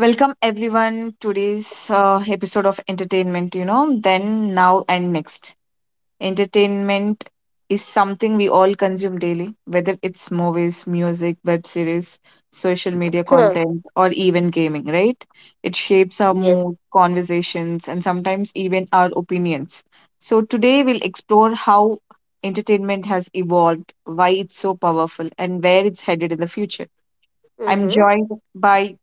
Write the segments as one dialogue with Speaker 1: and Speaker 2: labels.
Speaker 1: welcome everyone today's episode of entertainment, then, now, and next. Entertainment is something we all consume daily, whether it's movies, music, web series, social media
Speaker 2: Hmm.
Speaker 1: content, or even gaming, right? It shapes our
Speaker 2: Yes.
Speaker 1: mood, conversations, and sometimes even our opinions. So, today we'll explore how entertainment has evolved, why it's so powerful, and where it's headed in the future. I'm
Speaker 2: Mm-hmm.
Speaker 1: joined by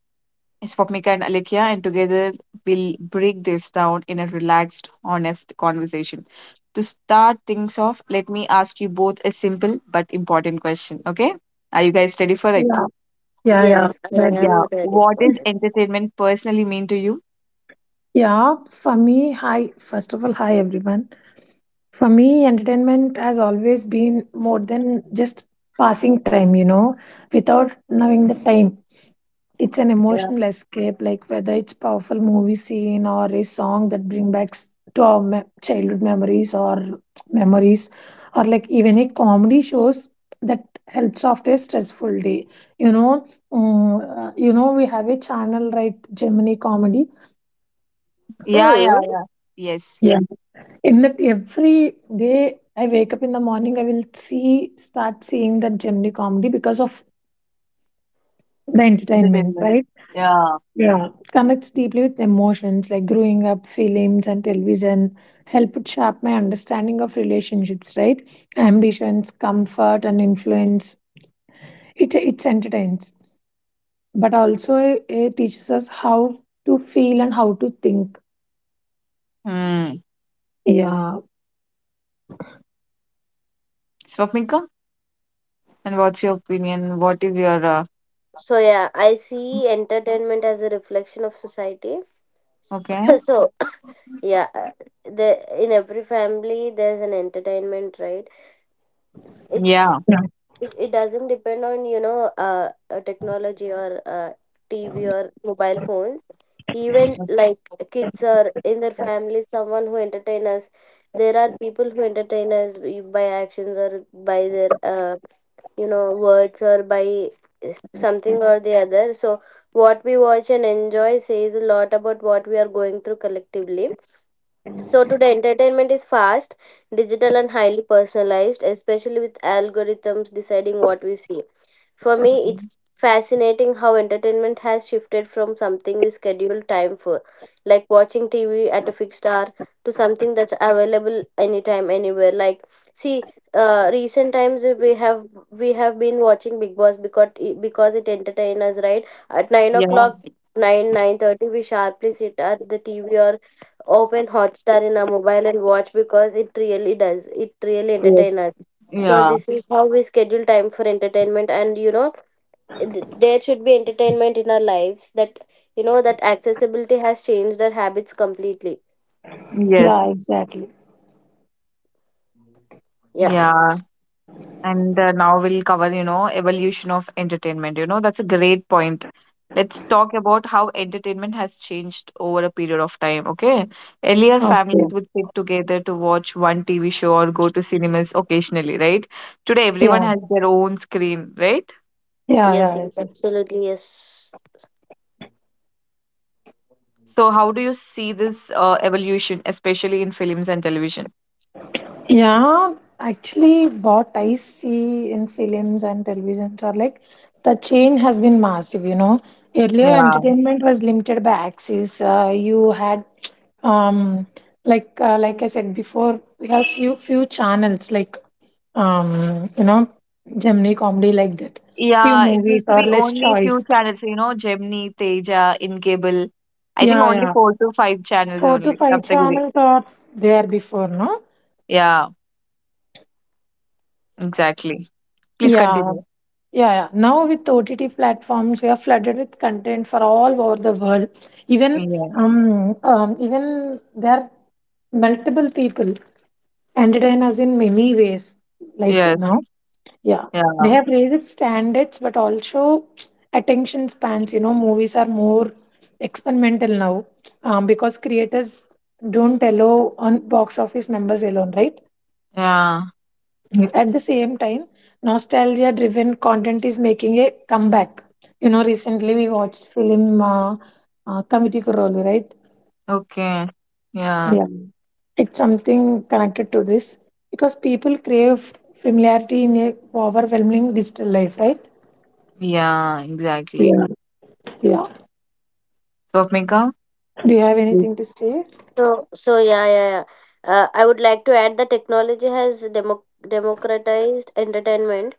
Speaker 1: It's Swapnika and Alikya, and together we'll break this down in a relaxed, honest conversation. To start things off, let me ask you both a simple but important question, okay? Are you guys ready for it?
Speaker 3: Yeah, yeah.
Speaker 2: Yes, I
Speaker 3: Magic.
Speaker 1: Yeah.
Speaker 2: am ready
Speaker 1: What
Speaker 2: for
Speaker 1: does
Speaker 2: it.
Speaker 1: entertainment personally mean to you?
Speaker 3: Yeah, for me, hi. First of all, hi everyone. For me, entertainment has always been more than just passing time without knowing the time. It's an
Speaker 1: Yeah.
Speaker 3: emotional escape, like whether it's powerful movie scene or a song that bring back to our childhood memories or memories, or like even a comedy shows that helps after a stressful day. You know, you know, we have a channel, right? Gemini Comedy.
Speaker 1: Yeah, yeah.
Speaker 2: Mm.
Speaker 1: Yes.
Speaker 3: Yeah. In that every day I wake up in the morning, I will see start seeing that Gemini comedy because of the entertainment,
Speaker 1: Entertainment.
Speaker 3: right?
Speaker 1: Yeah.
Speaker 3: Yeah. Connects deeply with emotions like growing up, films and television help shape my understanding of relationships, right? Ambitions, comfort and influence. It it's entertains. But also it teaches us how to feel and how to think.
Speaker 1: Hmm.
Speaker 3: Yeah.
Speaker 1: Swapnika, and what's your opinion? What is your
Speaker 2: So yeah, I see entertainment as a reflection of society.
Speaker 1: okay?
Speaker 2: So yeah, the in every family there's an entertainment, right? It's
Speaker 1: Yeah.
Speaker 3: Yeah,
Speaker 2: it doesn't depend on technology or tv or mobile phones even
Speaker 1: Okay.
Speaker 2: like kids or in their family someone who entertain us there are people who entertain us by actions or by their words or by something or the other. So what we watch and enjoy says a lot about what we are going through collectively. So today, entertainment is fast, digital, and highly personalized, especially with algorithms deciding what we see. For me, it's fascinating how entertainment has shifted from something we schedule time for, like watching TV at a fixed hour, to something that's available anytime, anywhere. Like, see, recent times we have been watching Big Boss because it entertains us, right? At nine
Speaker 1: Yeah.
Speaker 2: o'clock, nine thirty, we sharply sit at the TV or open Hotstar in our mobile and watch because it really does. It really
Speaker 1: Yes.
Speaker 2: entertain us. So
Speaker 1: Yeah.
Speaker 2: this is how we schedule time for entertainment, and you know, there should be entertainment in our lives. That you know that accessibility has changed our habits completely.
Speaker 1: Yes.
Speaker 3: yeah, exactly.
Speaker 2: Yeah.
Speaker 1: Yeah. And now we'll cover, evolution of entertainment. That's a great point. Let's talk about how entertainment has changed over a period of time, okay? Earlier, families
Speaker 3: Okay.
Speaker 1: would sit together to watch one TV show or go to cinemas occasionally, right? Today, everyone
Speaker 3: Yeah.
Speaker 1: has their own screen, right?
Speaker 3: Yeah, yeah,
Speaker 2: Yes.
Speaker 3: yes,
Speaker 2: Yes.
Speaker 3: yes.
Speaker 2: Absolutely. Yes.
Speaker 1: So, how do you see this evolution, especially in films and television?
Speaker 3: Yeah, actually, what I see in films and televisions are like the change has been massive. You know, earlier
Speaker 1: Yeah.
Speaker 3: entertainment was limited by access. You had um, like I said before, we have few channels like you know, Gemini comedy like that. Few
Speaker 1: Yeah, it used
Speaker 3: movies
Speaker 1: to
Speaker 3: or
Speaker 1: be
Speaker 3: less
Speaker 1: only few
Speaker 3: choice.
Speaker 1: channels, Gemini, Teja, in cable. I think
Speaker 3: Yeah,
Speaker 1: only
Speaker 3: yeah.
Speaker 1: four to five channels
Speaker 3: Four to
Speaker 1: only.
Speaker 3: five
Speaker 1: Saptagiri.
Speaker 3: channels or there before, no?
Speaker 1: Yeah, exactly. Please
Speaker 3: Yeah,
Speaker 1: continue.
Speaker 3: yeah, yeah. Now with OTT platforms, we are flooded with content for all over the world. Even
Speaker 1: Yeah.
Speaker 3: even there are multiple people entertain us in many ways. Like
Speaker 1: Yes.
Speaker 3: now, yeah, they
Speaker 1: Yeah.
Speaker 3: have raised standards, but also attention spans. You know, movies are more experimental now because creators don't allow on box office members alone, right?
Speaker 1: Yeah.
Speaker 3: At the same time, nostalgia driven content is making a comeback. You know, recently we watched film Committee Korolu, right?
Speaker 1: Okay. Yeah.
Speaker 3: Yeah. It's something connected to this because people crave familiarity in a overwhelming digital life, right?
Speaker 1: Yeah. Exactly.
Speaker 3: Yeah. Yeah.
Speaker 1: Swapnika?
Speaker 3: Do you have
Speaker 1: Please.
Speaker 3: anything to say?
Speaker 2: So so yeah yeah yeah. I would like to add that technology has democratized entertainment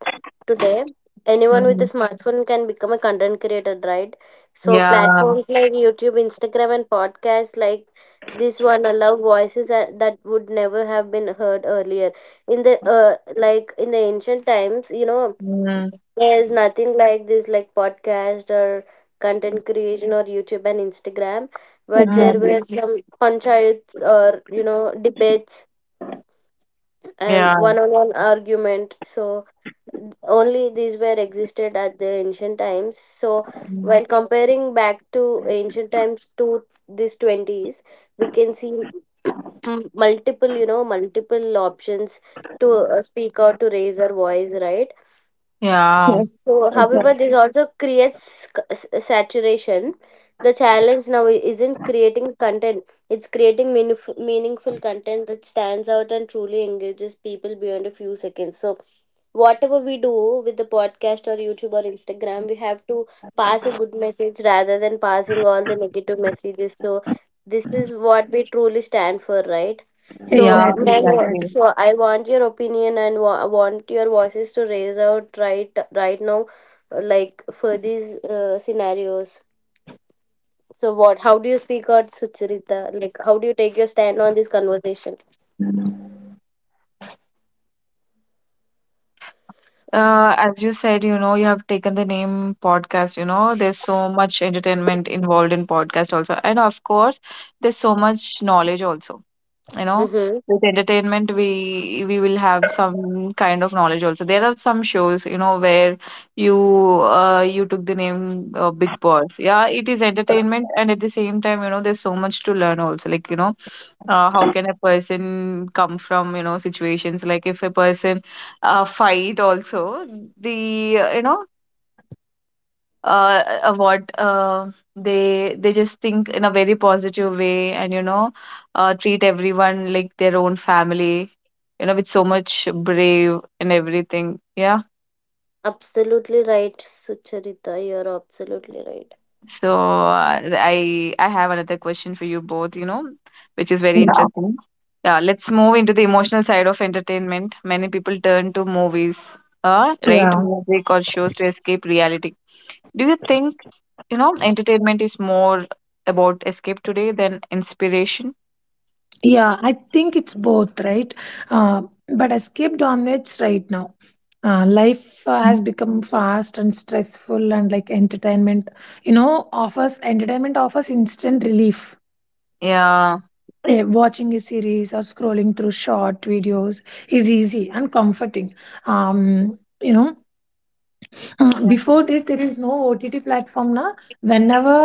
Speaker 2: today. Anyone with a
Speaker 1: Mm.
Speaker 2: smartphone can become a content creator, right? So
Speaker 1: Yeah.
Speaker 2: platforms like YouTube, Instagram, and podcasts like this one allow voices that would never have been heard earlier, in the uh, in the ancient times, you know,
Speaker 1: Mm.
Speaker 2: there's nothing like this, like podcast or content creation or YouTube and Instagram, but there
Speaker 1: Mm.
Speaker 2: were
Speaker 3: Exactly.
Speaker 2: Mhm. some panchayats or, you know, debates and
Speaker 1: Yeah.
Speaker 2: one-on-one argument. So only these were existed at the ancient times. So
Speaker 1: Mm.
Speaker 2: while comparing back to ancient times to this 20s we can see multiple you know multiple options to speak out, to raise our voice, right?
Speaker 1: Yeah.
Speaker 3: Yes.
Speaker 2: So, however, this
Speaker 3: Exactly.
Speaker 2: also creates saturation. The challenge now isn't creating content, it's creating meaningful content that stands out and truly engages people beyond a few seconds. So, whatever we do with the podcast or YouTube or Instagram, we have to pass a good message rather than passing all the negative messages. So, this is what we truly stand for, right?
Speaker 1: Yeah.
Speaker 2: So,
Speaker 3: Exactly.
Speaker 1: Exactly.
Speaker 3: Exactly.
Speaker 2: I want your opinion and want your voices to raise out right now, like for these scenarios. So, what? How do you speak out, Sucharita? Like, how do you take your stand on this conversation?
Speaker 1: As you said, you have taken the name podcast, there's so much entertainment involved in podcast also. And of course, there's so much knowledge also, you know
Speaker 2: Mm-hmm.
Speaker 1: with entertainment, we will have some kind of knowledge also. There are some shows, where you you took the name, Big Boss. Yeah, it is entertainment, and at the same time, there's so much to learn also, like, how can a person come from, situations like if a person fight also. The what they just think in a very positive way. And treat everyone like their own family, with so much brave and everything, yeah.
Speaker 2: Absolutely right, Sucharita. You're absolutely right.
Speaker 1: So I have another question for you both, which is very
Speaker 3: Yeah.
Speaker 1: interesting, yeah. Let's move into the emotional side of entertainment. Many people turn to movies, right,
Speaker 3: Yeah.
Speaker 1: music, or shows to escape reality. Do you think, entertainment is more about escape today than inspiration?
Speaker 3: Yeah, I think it's both, right? Uh, but escape dominates right now. Life has
Speaker 1: Mm.
Speaker 3: become fast and stressful, and like entertainment, offers entertainment offers instant relief.
Speaker 1: Yeah.
Speaker 3: Watching a series or scrolling through short videos is easy and comforting. Um, you know,
Speaker 1: Yeah.
Speaker 3: before this there is no OTT platform now whenever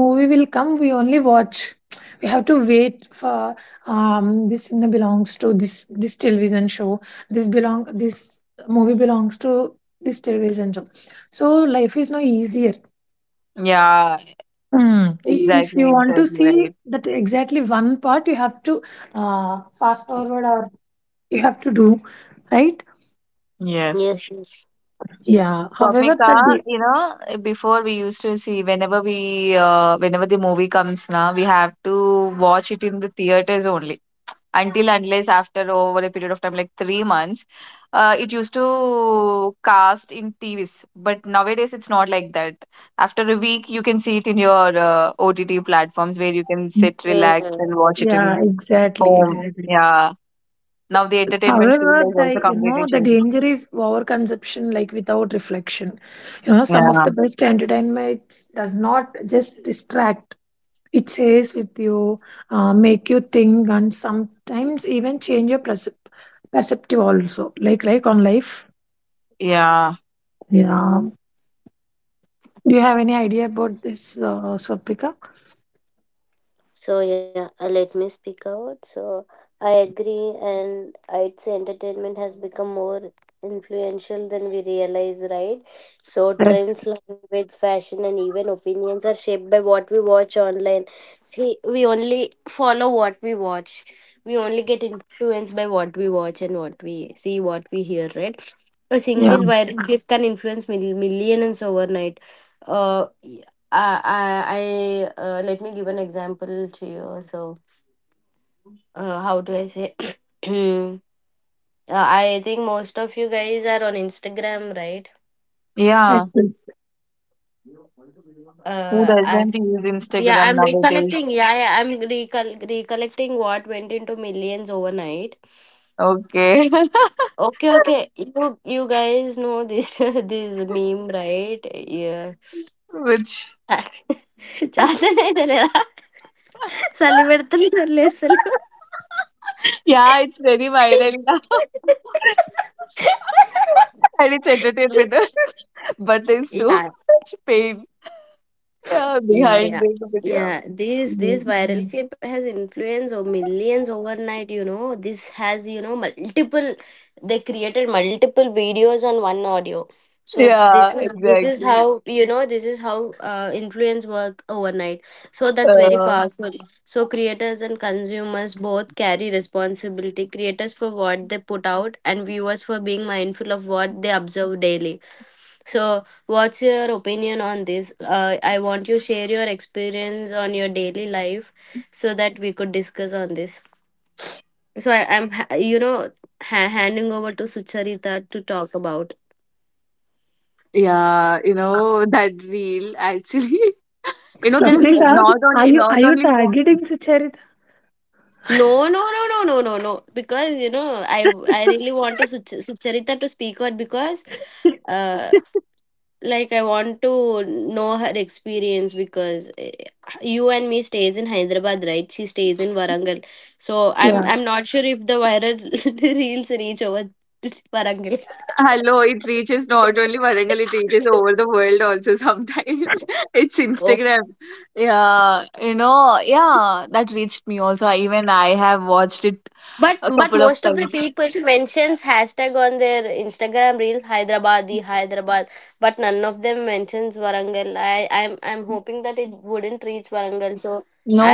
Speaker 3: movie will come we only watch, we have to wait for this cinema belongs to this, this television show, this belong this movie belongs to this television show, so life is no easier.
Speaker 1: Yeah,
Speaker 3: Hmm. I- if
Speaker 1: exactly,
Speaker 3: you want to
Speaker 1: exactly
Speaker 3: see
Speaker 1: right.
Speaker 3: that exactly one part you have to uh, fast forward or you have to do, right?
Speaker 1: Yes.
Speaker 2: Yes,
Speaker 3: Yeah, however that
Speaker 1: Swapnika,
Speaker 3: day,
Speaker 1: before we used to see whenever we whenever the movie comes now, we have to watch it in the theaters only. Until unless after over a period of time like 3 months, it used to cast in tvs. But nowadays it's not like that. After a week you can see it in your ott platforms where you can sit relax and
Speaker 2: yes.
Speaker 1: watch it in
Speaker 3: yeah, exactly,
Speaker 1: home,
Speaker 3: exactly.
Speaker 1: yeah. Now the entertainment
Speaker 3: However,
Speaker 1: field is
Speaker 3: the
Speaker 1: also
Speaker 3: you know
Speaker 1: completely
Speaker 3: the
Speaker 1: changed.
Speaker 3: danger is overconsumption, like without reflection. You know, some of
Speaker 1: Yeah.
Speaker 3: the best entertainment does not just distract; it stays with you, make you think, and sometimes even change your perceptive also, like on life.
Speaker 1: Yeah.
Speaker 3: Yeah. Do you have any idea about this, Swapnika?
Speaker 2: So let me speak out. So I agree, and I'd say entertainment has become more influential than we realize, right? So
Speaker 3: Yes.
Speaker 2: trends, language, fashion, and even opinions are shaped by what we watch online. See, we only follow what we watch. We only get influenced by what we watch and what we see, what we hear, right? A
Speaker 3: Yeah.
Speaker 2: single viral clip can influence millions overnight. Uh, I Let me give an example to you. So, how do I say? Uh, I think most of you guys are on Instagram, right?
Speaker 3: Yes,
Speaker 1: Yeah.
Speaker 3: yes.
Speaker 1: Who
Speaker 2: Uh, I,
Speaker 1: doesn't use
Speaker 2: yeah,
Speaker 1: instagram
Speaker 2: I'm
Speaker 1: nowadays?
Speaker 2: recollecting. Yeah I'm recollecting what went into millions overnight.
Speaker 1: Okay.
Speaker 2: Okay, okay. You guys know this this meme, right? Yeah.
Speaker 1: Which?
Speaker 2: చాలా ఇదే లేదా చలి పెడుతున్నారు లేదు
Speaker 1: Yeah, it's very viral now. And it's entertainment. But there's
Speaker 2: 一
Speaker 1: so
Speaker 2: 百
Speaker 1: much pain, yeah,
Speaker 2: Yeah,
Speaker 1: behind
Speaker 2: yeah.
Speaker 1: this video.
Speaker 2: Yeah, this
Speaker 1: Mhm.
Speaker 2: viral Mm. clip has influence of millions overnight, you know. This has, you know, multiple they created multiple videos on one audio. So
Speaker 1: Yeah,
Speaker 2: this is
Speaker 1: exactly.
Speaker 2: how you know this is how influence work overnight. So that's very
Speaker 1: Uh,
Speaker 2: powerful. So creators and consumers both carry responsibility. Creators for what they put out and viewers for being mindful of what they observe daily. So, what's your opinion on this? I want you share your experience on your daily life so that we could discuss on this. So, I'm handing over to Sucharita to talk about.
Speaker 1: yeah, that reel actually, there's
Speaker 3: Swapnika,
Speaker 1: not
Speaker 3: are
Speaker 1: only
Speaker 3: you
Speaker 1: not
Speaker 3: are you
Speaker 1: only one.
Speaker 3: targeting Sucharita?
Speaker 2: No, no, no, no, no, no, no. Because you know, I really want to Sucharita to speak out because uh, I want to know her experience because you and me stays in Hyderabad, right? She stays in Warangal. So i'm
Speaker 3: yeah.
Speaker 2: i'm not sure if the viral reels reach over Warangal.
Speaker 1: Hello, it reaches not only Warangal, it reaches over the world also sometimes. It's
Speaker 2: Oh,
Speaker 1: Instagram. Yeah, yeah, that reached me also. I, even I have watched it a
Speaker 2: but
Speaker 1: couple of
Speaker 2: most of the
Speaker 1: times.
Speaker 2: people mentions hashtag on their Instagram reels Hyderabadi Hyderabad, but none of them mentions Warangal. I'm hoping that it wouldn't reach Warangal, so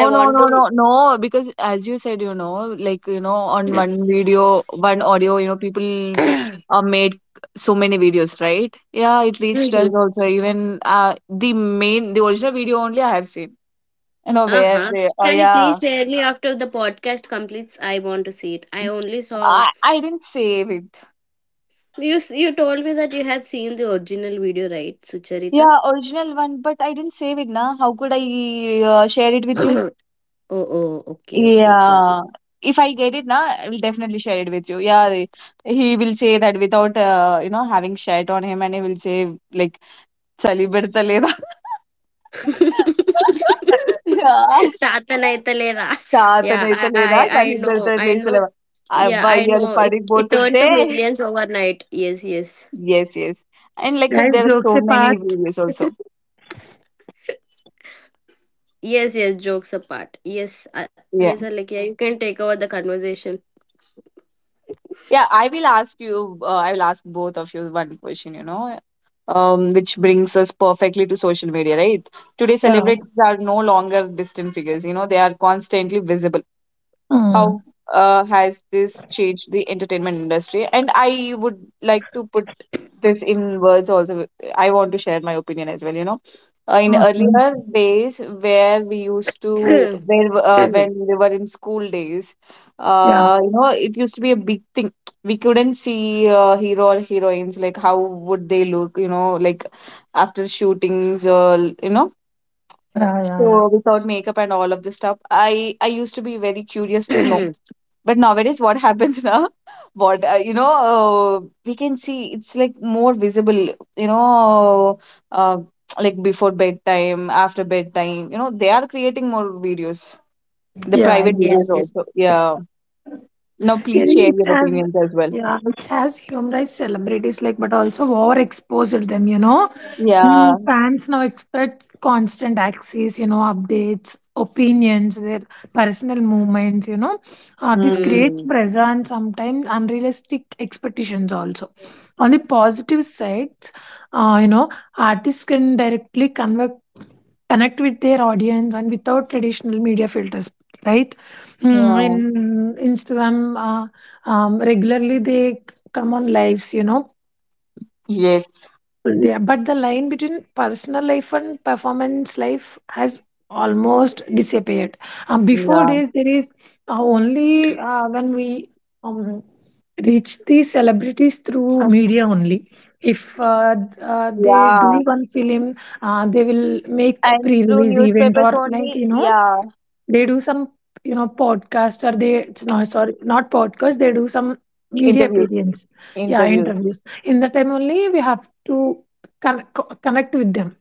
Speaker 2: I
Speaker 1: no,
Speaker 2: want
Speaker 1: no, no, no, because as you said, like, on
Speaker 2: to
Speaker 1: one video, one audio, people made so many videos, right? Yeah, it reached us also. Even the main, the original video only I have seen,
Speaker 2: Uh
Speaker 1: where
Speaker 2: huh.
Speaker 1: they, oh,
Speaker 2: Can you please
Speaker 1: yeah.
Speaker 2: share me after the podcast completes? I want to see it. I only saw
Speaker 1: I didn't save it.
Speaker 2: you. S- You told me that you have seen the original video, right, Sucharita?
Speaker 1: Yeah, original one, but I didn't save it, na. How could I share it with you?
Speaker 2: oh, oh, okay, got it.
Speaker 1: Yeah. If I get it, na, I will definitely share it with you. Yeah, he will say that without having shirt on him, and he will say like, "చలి పెడతలేదా?" Yeah.
Speaker 2: శాతన్ అయితే లేదా యా
Speaker 1: చాతనైతే
Speaker 2: ఐ
Speaker 1: లేదా
Speaker 2: ఐ
Speaker 1: చలి
Speaker 2: it నో
Speaker 1: పెడతలేదా
Speaker 2: యా
Speaker 1: అబ్బా
Speaker 2: ఐ
Speaker 1: ఇవాళ
Speaker 2: నో ఇట్ ఇట్ టర్న్
Speaker 1: పడిపోతుంటే
Speaker 2: to millions yes.
Speaker 1: Yes yes and like that
Speaker 3: Guys,
Speaker 1: there are so
Speaker 3: jokes
Speaker 1: many
Speaker 3: apart.
Speaker 1: Videos also.
Speaker 2: Yes, yes. Yes yes yes jokes apart yes yes You can take over the conversation.
Speaker 1: Yeah, I will ask you, I will ask both of you one question, which brings us perfectly to social media, right? Today,
Speaker 3: Yeah.
Speaker 1: celebrities are no longer distant figures, they are constantly visible. How
Speaker 3: Hmm.
Speaker 1: has this changed the entertainment industry? And I would like to put this in words also. I want to share my opinion as well. In earlier
Speaker 3: Okay.
Speaker 1: days where we used to, where when we were in school days,
Speaker 3: Yeah,
Speaker 1: it used to be a big thing. We couldn't see hero or heroines like how would they look, like after shootings or
Speaker 3: yeah, yeah, yeah.
Speaker 1: so without makeup and all of this stuff, I used to be very curious to know. But nowadays, what happens now? What we can see it's like more visible. You know, uh, like before bedtime, after bedtime. They are creating more videos, the
Speaker 3: Yeah,
Speaker 1: private videos
Speaker 2: Yes,
Speaker 3: exactly.
Speaker 2: yes.
Speaker 1: also. Yeah. Now,
Speaker 3: It,
Speaker 1: please share
Speaker 3: it's
Speaker 1: your
Speaker 3: as
Speaker 1: opinions as well.
Speaker 3: Yeah, it's as humorized celebrities like, but also overexposed them. You know, Mm,
Speaker 1: Yeah.
Speaker 3: fans now expect constant access. You know, updates, opinions, their personal movements. You know, this
Speaker 1: Mm.
Speaker 3: creates
Speaker 2: yes
Speaker 3: pressure and sometimes unrealistic expectations also. On the positive sides, you know, artists can directly convey connect with their audience and without traditional media filters, right? Mm, in
Speaker 1: Yeah.
Speaker 3: instagram uh, regularly they come on lives, you know.
Speaker 1: Yes.
Speaker 3: Yeah, but the line between personal life and performance life has almost disappeared. Before
Speaker 1: Yeah.
Speaker 3: days, there is only when we um, reach the celebrities through media only. If They
Speaker 1: Yeah.
Speaker 3: do one film, they will make
Speaker 1: And through
Speaker 3: pre-release event
Speaker 1: newspapers
Speaker 3: or like
Speaker 1: only.
Speaker 3: you know
Speaker 1: Yeah.
Speaker 3: they do some you know podcast or they it's not sorry not podcast they do some media
Speaker 1: Interviews.
Speaker 3: appearance, yeah
Speaker 1: Interviews.
Speaker 3: interviews in the time only we have to connect with them.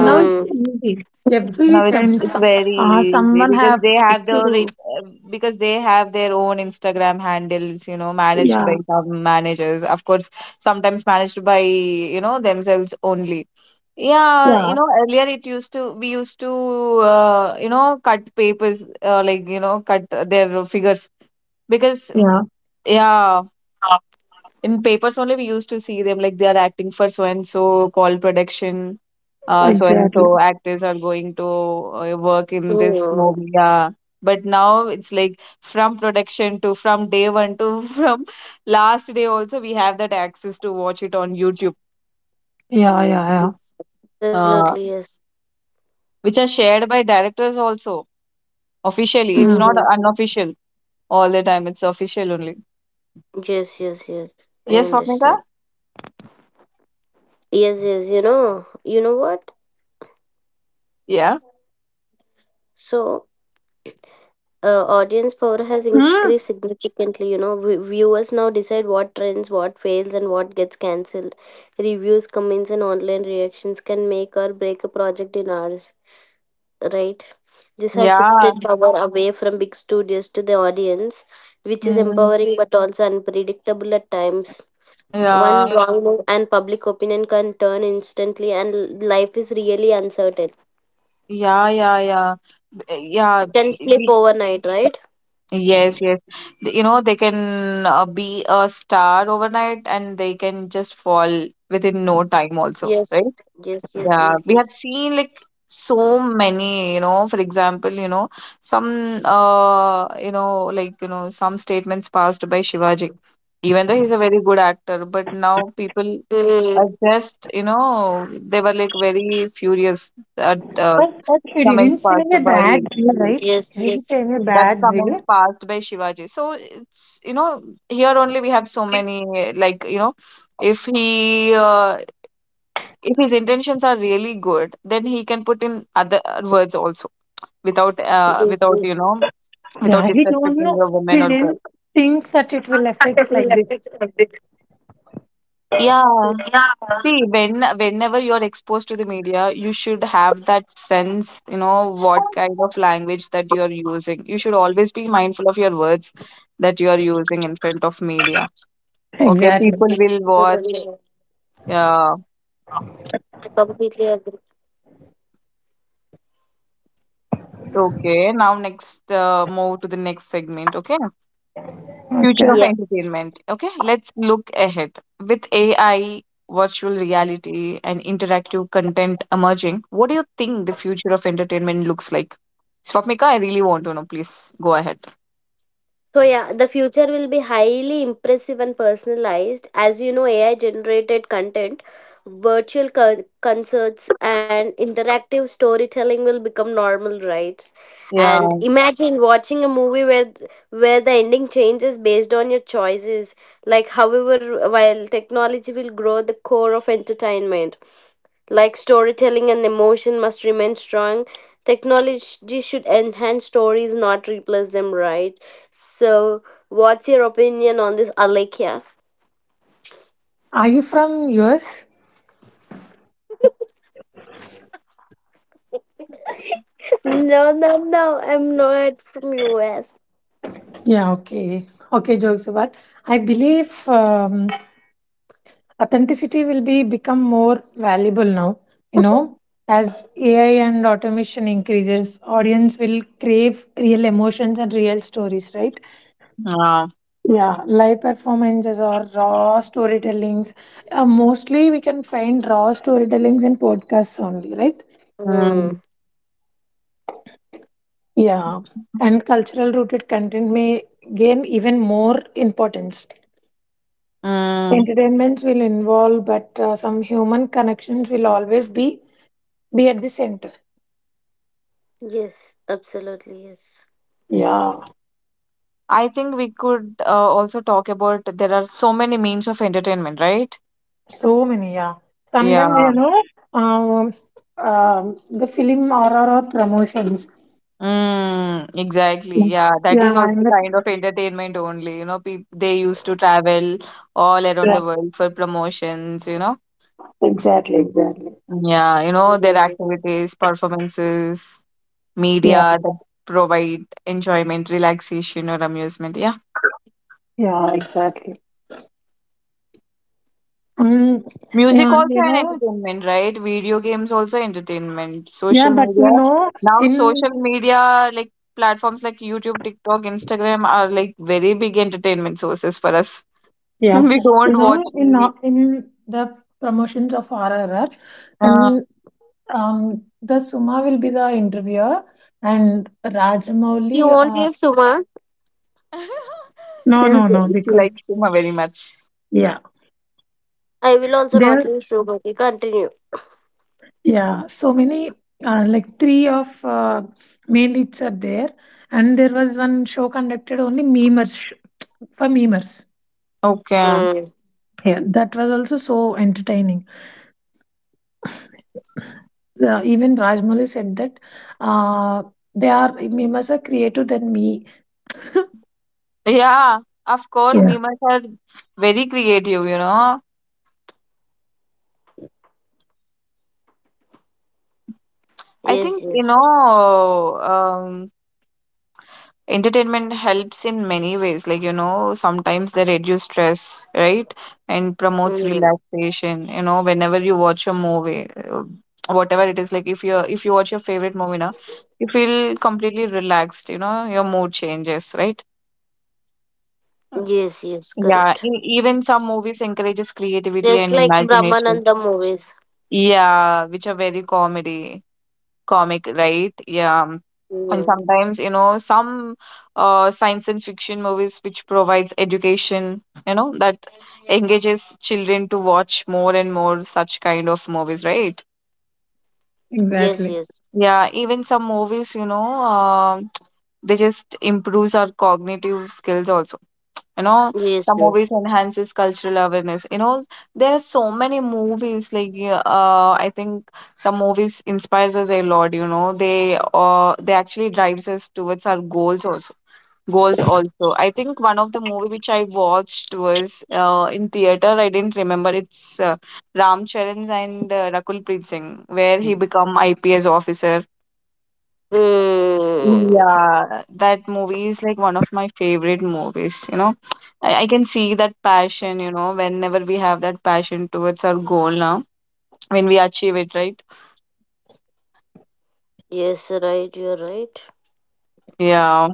Speaker 3: Now it's easy, every
Speaker 1: No, it's
Speaker 3: time
Speaker 1: it's
Speaker 3: some,
Speaker 1: very easy
Speaker 3: someone
Speaker 1: because
Speaker 3: have
Speaker 1: they have
Speaker 3: to
Speaker 1: their
Speaker 3: do.
Speaker 1: because they have their own Instagram handles, managed
Speaker 3: Yeah,
Speaker 1: by some managers. Of course, sometimes managed by, themselves only. Yeah,
Speaker 3: yeah,
Speaker 1: earlier it used to we used to, cut papers, like, cut their figures, because,
Speaker 3: yeah,
Speaker 1: yeah, in papers only we used to see them like they are acting for so and so call production, so and
Speaker 3: exactly,
Speaker 1: so actors are going to work in this
Speaker 2: Mm.
Speaker 1: movie. Yeah. But now it's like from day one to from last day also we have that access to watch it on YouTube,
Speaker 3: yeah, yeah, yeah.
Speaker 2: Absolutely,
Speaker 1: uh,
Speaker 2: yes.
Speaker 1: which are shared by directors also officially. It's
Speaker 3: Mm.
Speaker 1: not
Speaker 2: Mm.
Speaker 1: unofficial all the time. It's official only.
Speaker 2: Yes, yes, yes. I
Speaker 1: Yes, Swapnika?
Speaker 2: understand. Yes, yes. You know what?
Speaker 1: Yeah.
Speaker 2: So, audience power has
Speaker 3: Mm.
Speaker 2: increased significantly. You know, viewers now decide what trends, what fails, and what gets cancelled. Reviews, comments, and online reactions can make or break a project in hours, right? This has
Speaker 1: Yeah.
Speaker 2: shifted power away from big studios to the audience, which is
Speaker 1: Mm,
Speaker 2: empowering but also unpredictable at times.
Speaker 1: yeah.
Speaker 2: One wrong move and public opinion can turn instantly, and life is really uncertain.
Speaker 1: Yeah. Yeah. Yeah. B- Yeah.
Speaker 2: It can flip
Speaker 1: We
Speaker 2: overnight, right?
Speaker 1: Yes, yes. They can be a star overnight, and they can just fall within no time also,
Speaker 2: Yes,
Speaker 1: right?
Speaker 2: yes, yes,
Speaker 1: Yeah,
Speaker 2: yes,
Speaker 1: we have
Speaker 2: yes.
Speaker 1: seen like so many, for example, some like, some statements passed by Shivaji. Even though he's a very good actor, but now people
Speaker 2: Mm,
Speaker 1: are just, they were like very furious at
Speaker 3: But he didn't
Speaker 1: comments
Speaker 3: say in a
Speaker 1: passed by
Speaker 3: bad way, right?
Speaker 2: yes,
Speaker 3: He didn't say
Speaker 2: yes.
Speaker 3: in a
Speaker 1: that
Speaker 3: bad way.
Speaker 1: comments passed by Shivaji. So it's, here only we have so many like, if he if his intentions are really good, then he can put in other words also, without
Speaker 2: Yes,
Speaker 1: without
Speaker 2: yes.
Speaker 1: you know without
Speaker 3: Yeah, he don't
Speaker 1: disrespecting
Speaker 3: know.
Speaker 1: the woman
Speaker 3: He
Speaker 1: or girl.
Speaker 3: didn't think that it will affect like this.
Speaker 1: Yeah. See, whenever you're exposed to the media, you should have that sense, what kind of language that you're using. You should always be mindful of your words that you are using in front of media. Okay,
Speaker 3: Exactly.
Speaker 1: people will watch. Yeah.
Speaker 2: Completely agree.
Speaker 1: Okay. Now next, move to the next segment. Okay. Future of
Speaker 3: Okay.
Speaker 2: Yeah.
Speaker 1: entertainment. Okay. Let's look ahead. With AI, virtual reality, and interactive content emerging, what do you think the future of entertainment looks like? Swapnika, I really want to know. Please go ahead.
Speaker 2: So yeah, the future will be highly impressive and personalized. As you know, AI generated content, virtual concerts and interactive storytelling will become normal, right? And
Speaker 1: Yeah.
Speaker 2: imagine watching a movie where the ending changes based on your choices. Like however, while technology will grow the core of entertainment, like storytelling and emotion must remain strong. Technology should enhance stories, not replace them, right? So, what's your opinion on this, Alekia?
Speaker 3: Are you from US?
Speaker 2: No, no, no. I'm not from US.
Speaker 3: Yeah, okay. Okay, jokes apart. I believe authenticity will be become more valuable now. You know, as AI and automation increases, audience will crave real emotions and real stories, right?
Speaker 1: Yeah.
Speaker 3: Yeah, live performances or raw storytellings. Mostly we can find raw storytellings in podcasts only, right?
Speaker 2: Mm,
Speaker 1: Mm.
Speaker 3: Yeah, and cultural rooted content may gain even more importance.
Speaker 1: Mm.
Speaker 3: Entertainments will involve, but some human connections will always be at the center.
Speaker 2: yes, absolutely, yes.
Speaker 3: Yeah,
Speaker 1: I think we could also talk about there are so many means of entertainment, right?
Speaker 3: so many. Yeah, sometimes you
Speaker 1: Yeah.
Speaker 3: know, um, the film or promotions.
Speaker 1: Mm, exactly.
Speaker 3: Mm.
Speaker 1: Yeah, that
Speaker 3: Yeah,
Speaker 1: is also
Speaker 3: and the,
Speaker 1: kind of entertainment only. People they used to travel all around
Speaker 3: yeah,
Speaker 1: the world for promotions.
Speaker 3: exactly, exactly.
Speaker 1: Yeah, their
Speaker 2: Mm.
Speaker 1: activities, performances,
Speaker 3: Yeah,
Speaker 1: media that provide enjoyment, relaxation, or amusement. Yeah.
Speaker 3: yeah, exactly. Mm,
Speaker 1: Music
Speaker 3: yeah, and
Speaker 1: also
Speaker 3: you
Speaker 1: an
Speaker 3: know,
Speaker 1: entertainment, right? Video games also entertainment.
Speaker 3: yeah,
Speaker 1: Social
Speaker 3: but you
Speaker 1: media.
Speaker 3: know,
Speaker 1: Now
Speaker 3: in.
Speaker 1: social media like platforms like YouTube, TikTok, Instagram are like very big entertainment sources for us.
Speaker 3: Yeah,
Speaker 1: We
Speaker 3: you
Speaker 1: don't watch
Speaker 3: know,
Speaker 1: TV.
Speaker 3: in the promotions of RRR,
Speaker 1: Yeah.
Speaker 3: and the Suma will be the interviewer, and Rajamouli.
Speaker 2: You are?
Speaker 3: No,
Speaker 1: She's
Speaker 3: no, no,
Speaker 1: she
Speaker 3: because
Speaker 1: likes him very much.
Speaker 3: yeah,
Speaker 2: I will also not
Speaker 3: there,
Speaker 2: leave you, but you continue.
Speaker 3: yeah, so many like three of main leads are there, and there was one show conducted only memers for memers.
Speaker 1: Okay.
Speaker 2: Mm,
Speaker 3: Yeah, that was also so entertaining. Even Rajmouli said that uh, they are memers are creative than me.
Speaker 1: Yeah, of course,
Speaker 3: Yeah.
Speaker 1: memes are very creative. I
Speaker 2: yes,
Speaker 1: think,
Speaker 2: yes.
Speaker 1: um, entertainment helps in many ways. Like, sometimes they reduce stress, right? And promotes
Speaker 2: Mm,
Speaker 1: relaxation, whenever you watch a movie, whatever it is, like if you watch your favorite movie now, you feel completely relaxed, your mood changes, right?
Speaker 2: yes, yes,
Speaker 1: Yeah,
Speaker 2: correct.
Speaker 1: even some movies encourages creativity
Speaker 2: Just
Speaker 1: and
Speaker 2: like
Speaker 1: imagination.
Speaker 2: Brahmananda movies.
Speaker 1: Yeah, which are very comedy, comic, right? Yeah. And
Speaker 2: Mm,
Speaker 1: sometimes, some science and fiction movies which provides education, that engages children to watch more and more such kind of movies, right?
Speaker 2: yes,
Speaker 3: Exactly.
Speaker 2: yes.
Speaker 1: Yeah, even some movies, um they just improves our cognitive skills also. you know
Speaker 2: Yes,
Speaker 1: some movies
Speaker 2: yes.
Speaker 1: enhances cultural awareness, there are so many movies like, yeah. I think some movies inspires us a lot, they actually drives us towards our goals also. I think one of the movie which I watched was in theater. I didn't remember, it's Ram Charan's and Rakul Preet Singh, where he become IPS officer.
Speaker 2: Mm.
Speaker 1: Yeah, that movie is like one of my favorite movies. I can see that passion, whenever we have that passion towards our goal now, when we achieve it, right?
Speaker 2: Yes, right, you're right.
Speaker 1: Yeah.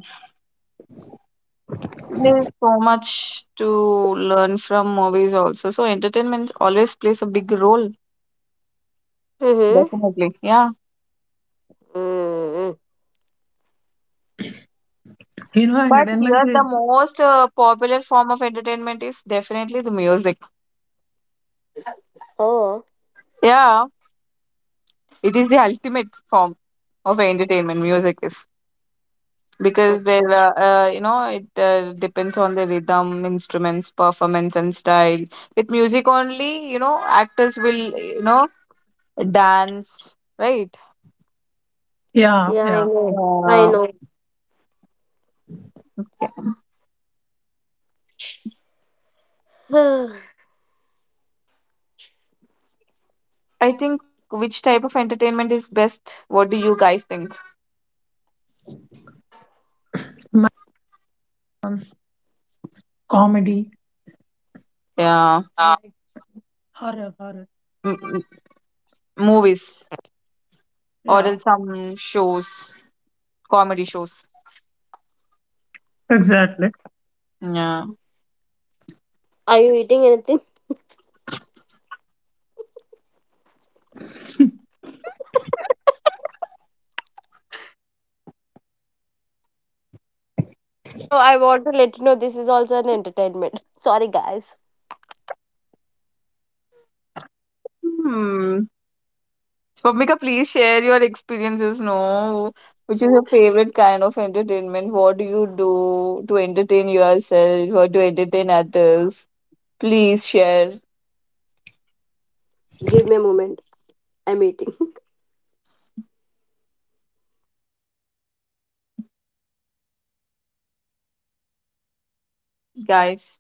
Speaker 1: There's so much to learn from movies also. So entertainment always plays a big role,
Speaker 2: Mm-hmm.
Speaker 1: definitely. Yeah.
Speaker 2: Mm.
Speaker 3: You know,
Speaker 1: But
Speaker 3: entertainment
Speaker 1: here the
Speaker 3: is
Speaker 1: most popular form of entertainment is definitely the music.
Speaker 2: Oh,
Speaker 1: Yeah, it is the ultimate form of entertainment, music is. Because there,
Speaker 2: acha.
Speaker 1: it depends on the rhythm, instruments, performance, and style. With music only, actors will, dance, right.
Speaker 3: yeah,
Speaker 2: Yeah, I
Speaker 3: yeah.
Speaker 2: know. I
Speaker 1: uh,
Speaker 2: know.
Speaker 1: yeah. I think which type of entertainment is best? What do you guys think?
Speaker 3: My comedy.
Speaker 1: Yeah. M- m- movies or else some shows, comedy shows, yeah.
Speaker 2: Are you eating anything? So I want to let you know this is also an entertainment. Sorry, guys.
Speaker 1: Hmm. Swapnika, please share your experiences. No, which is your favorite kind of entertainment? What do you do to entertain yourself or to entertain others? Please share,
Speaker 2: Give me a moment. I'm eating.
Speaker 1: guys,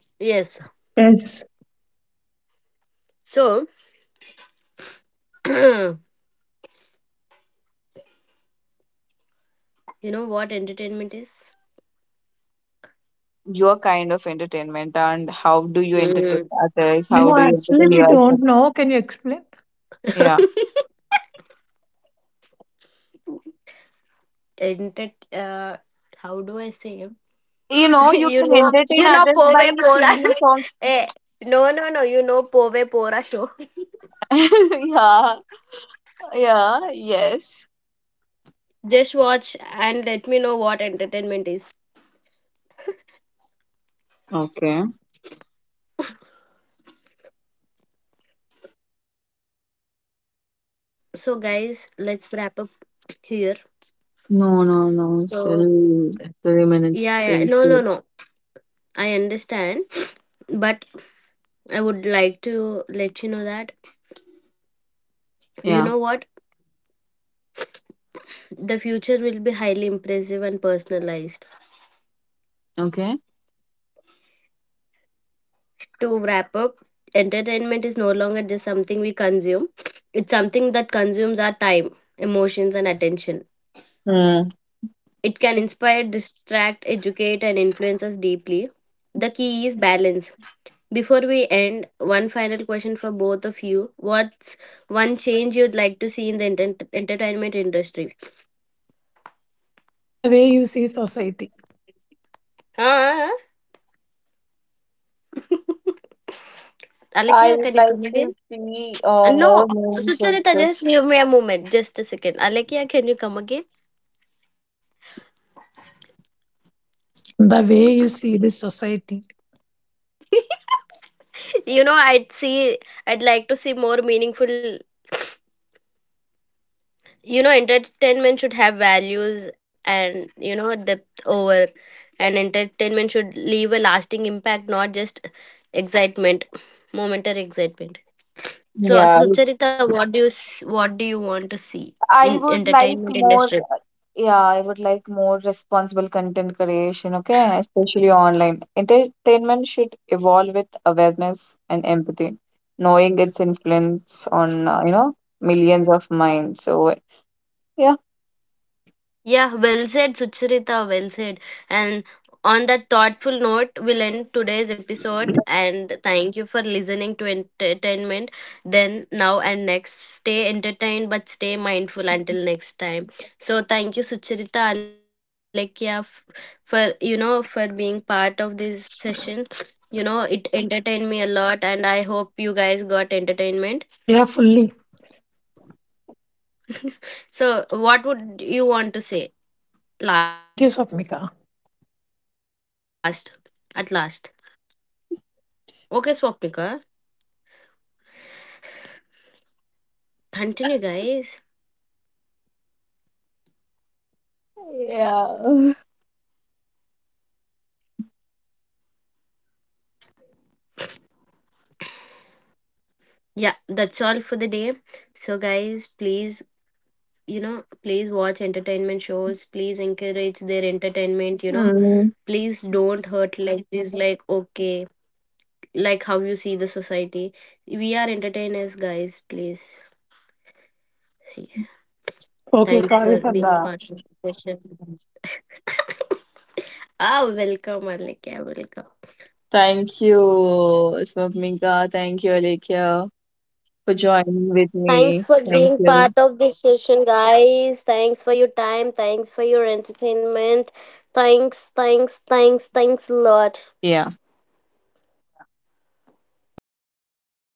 Speaker 2: Yes.
Speaker 3: Yes.
Speaker 2: So, you know what entertainment is?
Speaker 1: your kind of entertainment and how do you entertain
Speaker 2: Mm.
Speaker 1: others? How
Speaker 3: No,
Speaker 1: do you
Speaker 3: actually,
Speaker 1: entertain
Speaker 3: we
Speaker 1: yourself?
Speaker 3: don't know. Can you explain?
Speaker 1: Yeah.
Speaker 2: Enter- how do I say?
Speaker 1: You
Speaker 2: You
Speaker 1: can
Speaker 2: know,
Speaker 1: entertain others by
Speaker 2: Pove Pora.
Speaker 1: singing songs.
Speaker 2: eh, no, no, no. You know, Pove Pora show.
Speaker 1: Yeah, yeah, yes.
Speaker 2: Just watch and let me know what entertainment is.
Speaker 1: Okay.
Speaker 2: So, guys, let's wrap up here.
Speaker 1: No, no, no.
Speaker 2: So,
Speaker 1: Still 3 minutes.
Speaker 2: yeah, yeah.
Speaker 1: Still
Speaker 2: No, no,
Speaker 1: two.
Speaker 2: no. I understand. But I would like to let you know that you know
Speaker 1: Yeah.
Speaker 2: what? The future will be highly impressive and personalized.
Speaker 1: Okay.
Speaker 2: To wrap up, entertainment is no longer just something we consume, it's something that consumes our time, emotions, and attention.
Speaker 1: Hmm.
Speaker 2: It can inspire, distract, educate, and influence us deeply. The key is balance. Before we end, one final question for both of you. What's one change you'd like to see in the entertainment industry?
Speaker 3: The way you see society,
Speaker 2: Ah,
Speaker 1: I
Speaker 2: Alekia,
Speaker 1: would
Speaker 2: can you
Speaker 1: like
Speaker 2: come
Speaker 1: to
Speaker 2: again?
Speaker 1: see more
Speaker 2: No,
Speaker 1: meaningful
Speaker 2: Sucharita,
Speaker 1: trips.
Speaker 2: just give me a moment, just a second. Alekia, can you come again?
Speaker 3: the way you see this society.
Speaker 2: you know, I'd see, I'd like to see more meaningful, you know, entertainment should have values and you know depth over, and entertainment should leave a lasting impact, not just excitement momentary excitement. So
Speaker 1: Yeah,
Speaker 2: so Charita, what do you what do you want to see
Speaker 1: I
Speaker 2: in
Speaker 1: would like
Speaker 2: entertainment
Speaker 1: more.
Speaker 2: industry?
Speaker 1: Yeah, I would like more responsible content creation. Okay, especially online. Entertainment should evolve with awareness and empathy, knowing its influence on millions of minds. So yeah.
Speaker 2: Yeah, well said, Sucharita. Well said. And on that thoughtful note, we'll end today's episode. And thank you for listening to entertainment. Then, now, and next, stay entertained but stay mindful until next time. So, thank you, Sucharita, Alekia, for you know for being part of this session. You know, it entertained me a lot, and I hope you guys got entertainment.
Speaker 3: Yeah, fully.
Speaker 2: So, what would you want to say last?
Speaker 3: Thank you,
Speaker 2: At
Speaker 3: Swapnika.
Speaker 2: last, okay, Swapnika. Continue, guys.
Speaker 1: Yeah.
Speaker 2: Yeah, that's all for the day. So guys, please, you know, please watch entertainment shows, please encourage their entertainment, you know,
Speaker 1: Mm,
Speaker 2: please don't hurt like this, like, okay, like how you see the society, we are entertainers, guys, please see,
Speaker 3: Okay,
Speaker 2: thank you
Speaker 3: sorry
Speaker 2: for
Speaker 3: for
Speaker 2: being
Speaker 3: the.
Speaker 2: part of the session. Ah, welcome, Alika, welcome.
Speaker 1: thank you, Swapnika. Thank you, Alekhya, for joining with
Speaker 2: Thanks
Speaker 1: me.
Speaker 2: for
Speaker 1: Thank
Speaker 2: being part
Speaker 1: you.
Speaker 2: of this session, guys. Thanks for your time. Thanks for your entertainment. Thanks, thanks, thanks, thanks a lot.
Speaker 1: Yeah.
Speaker 3: One more question for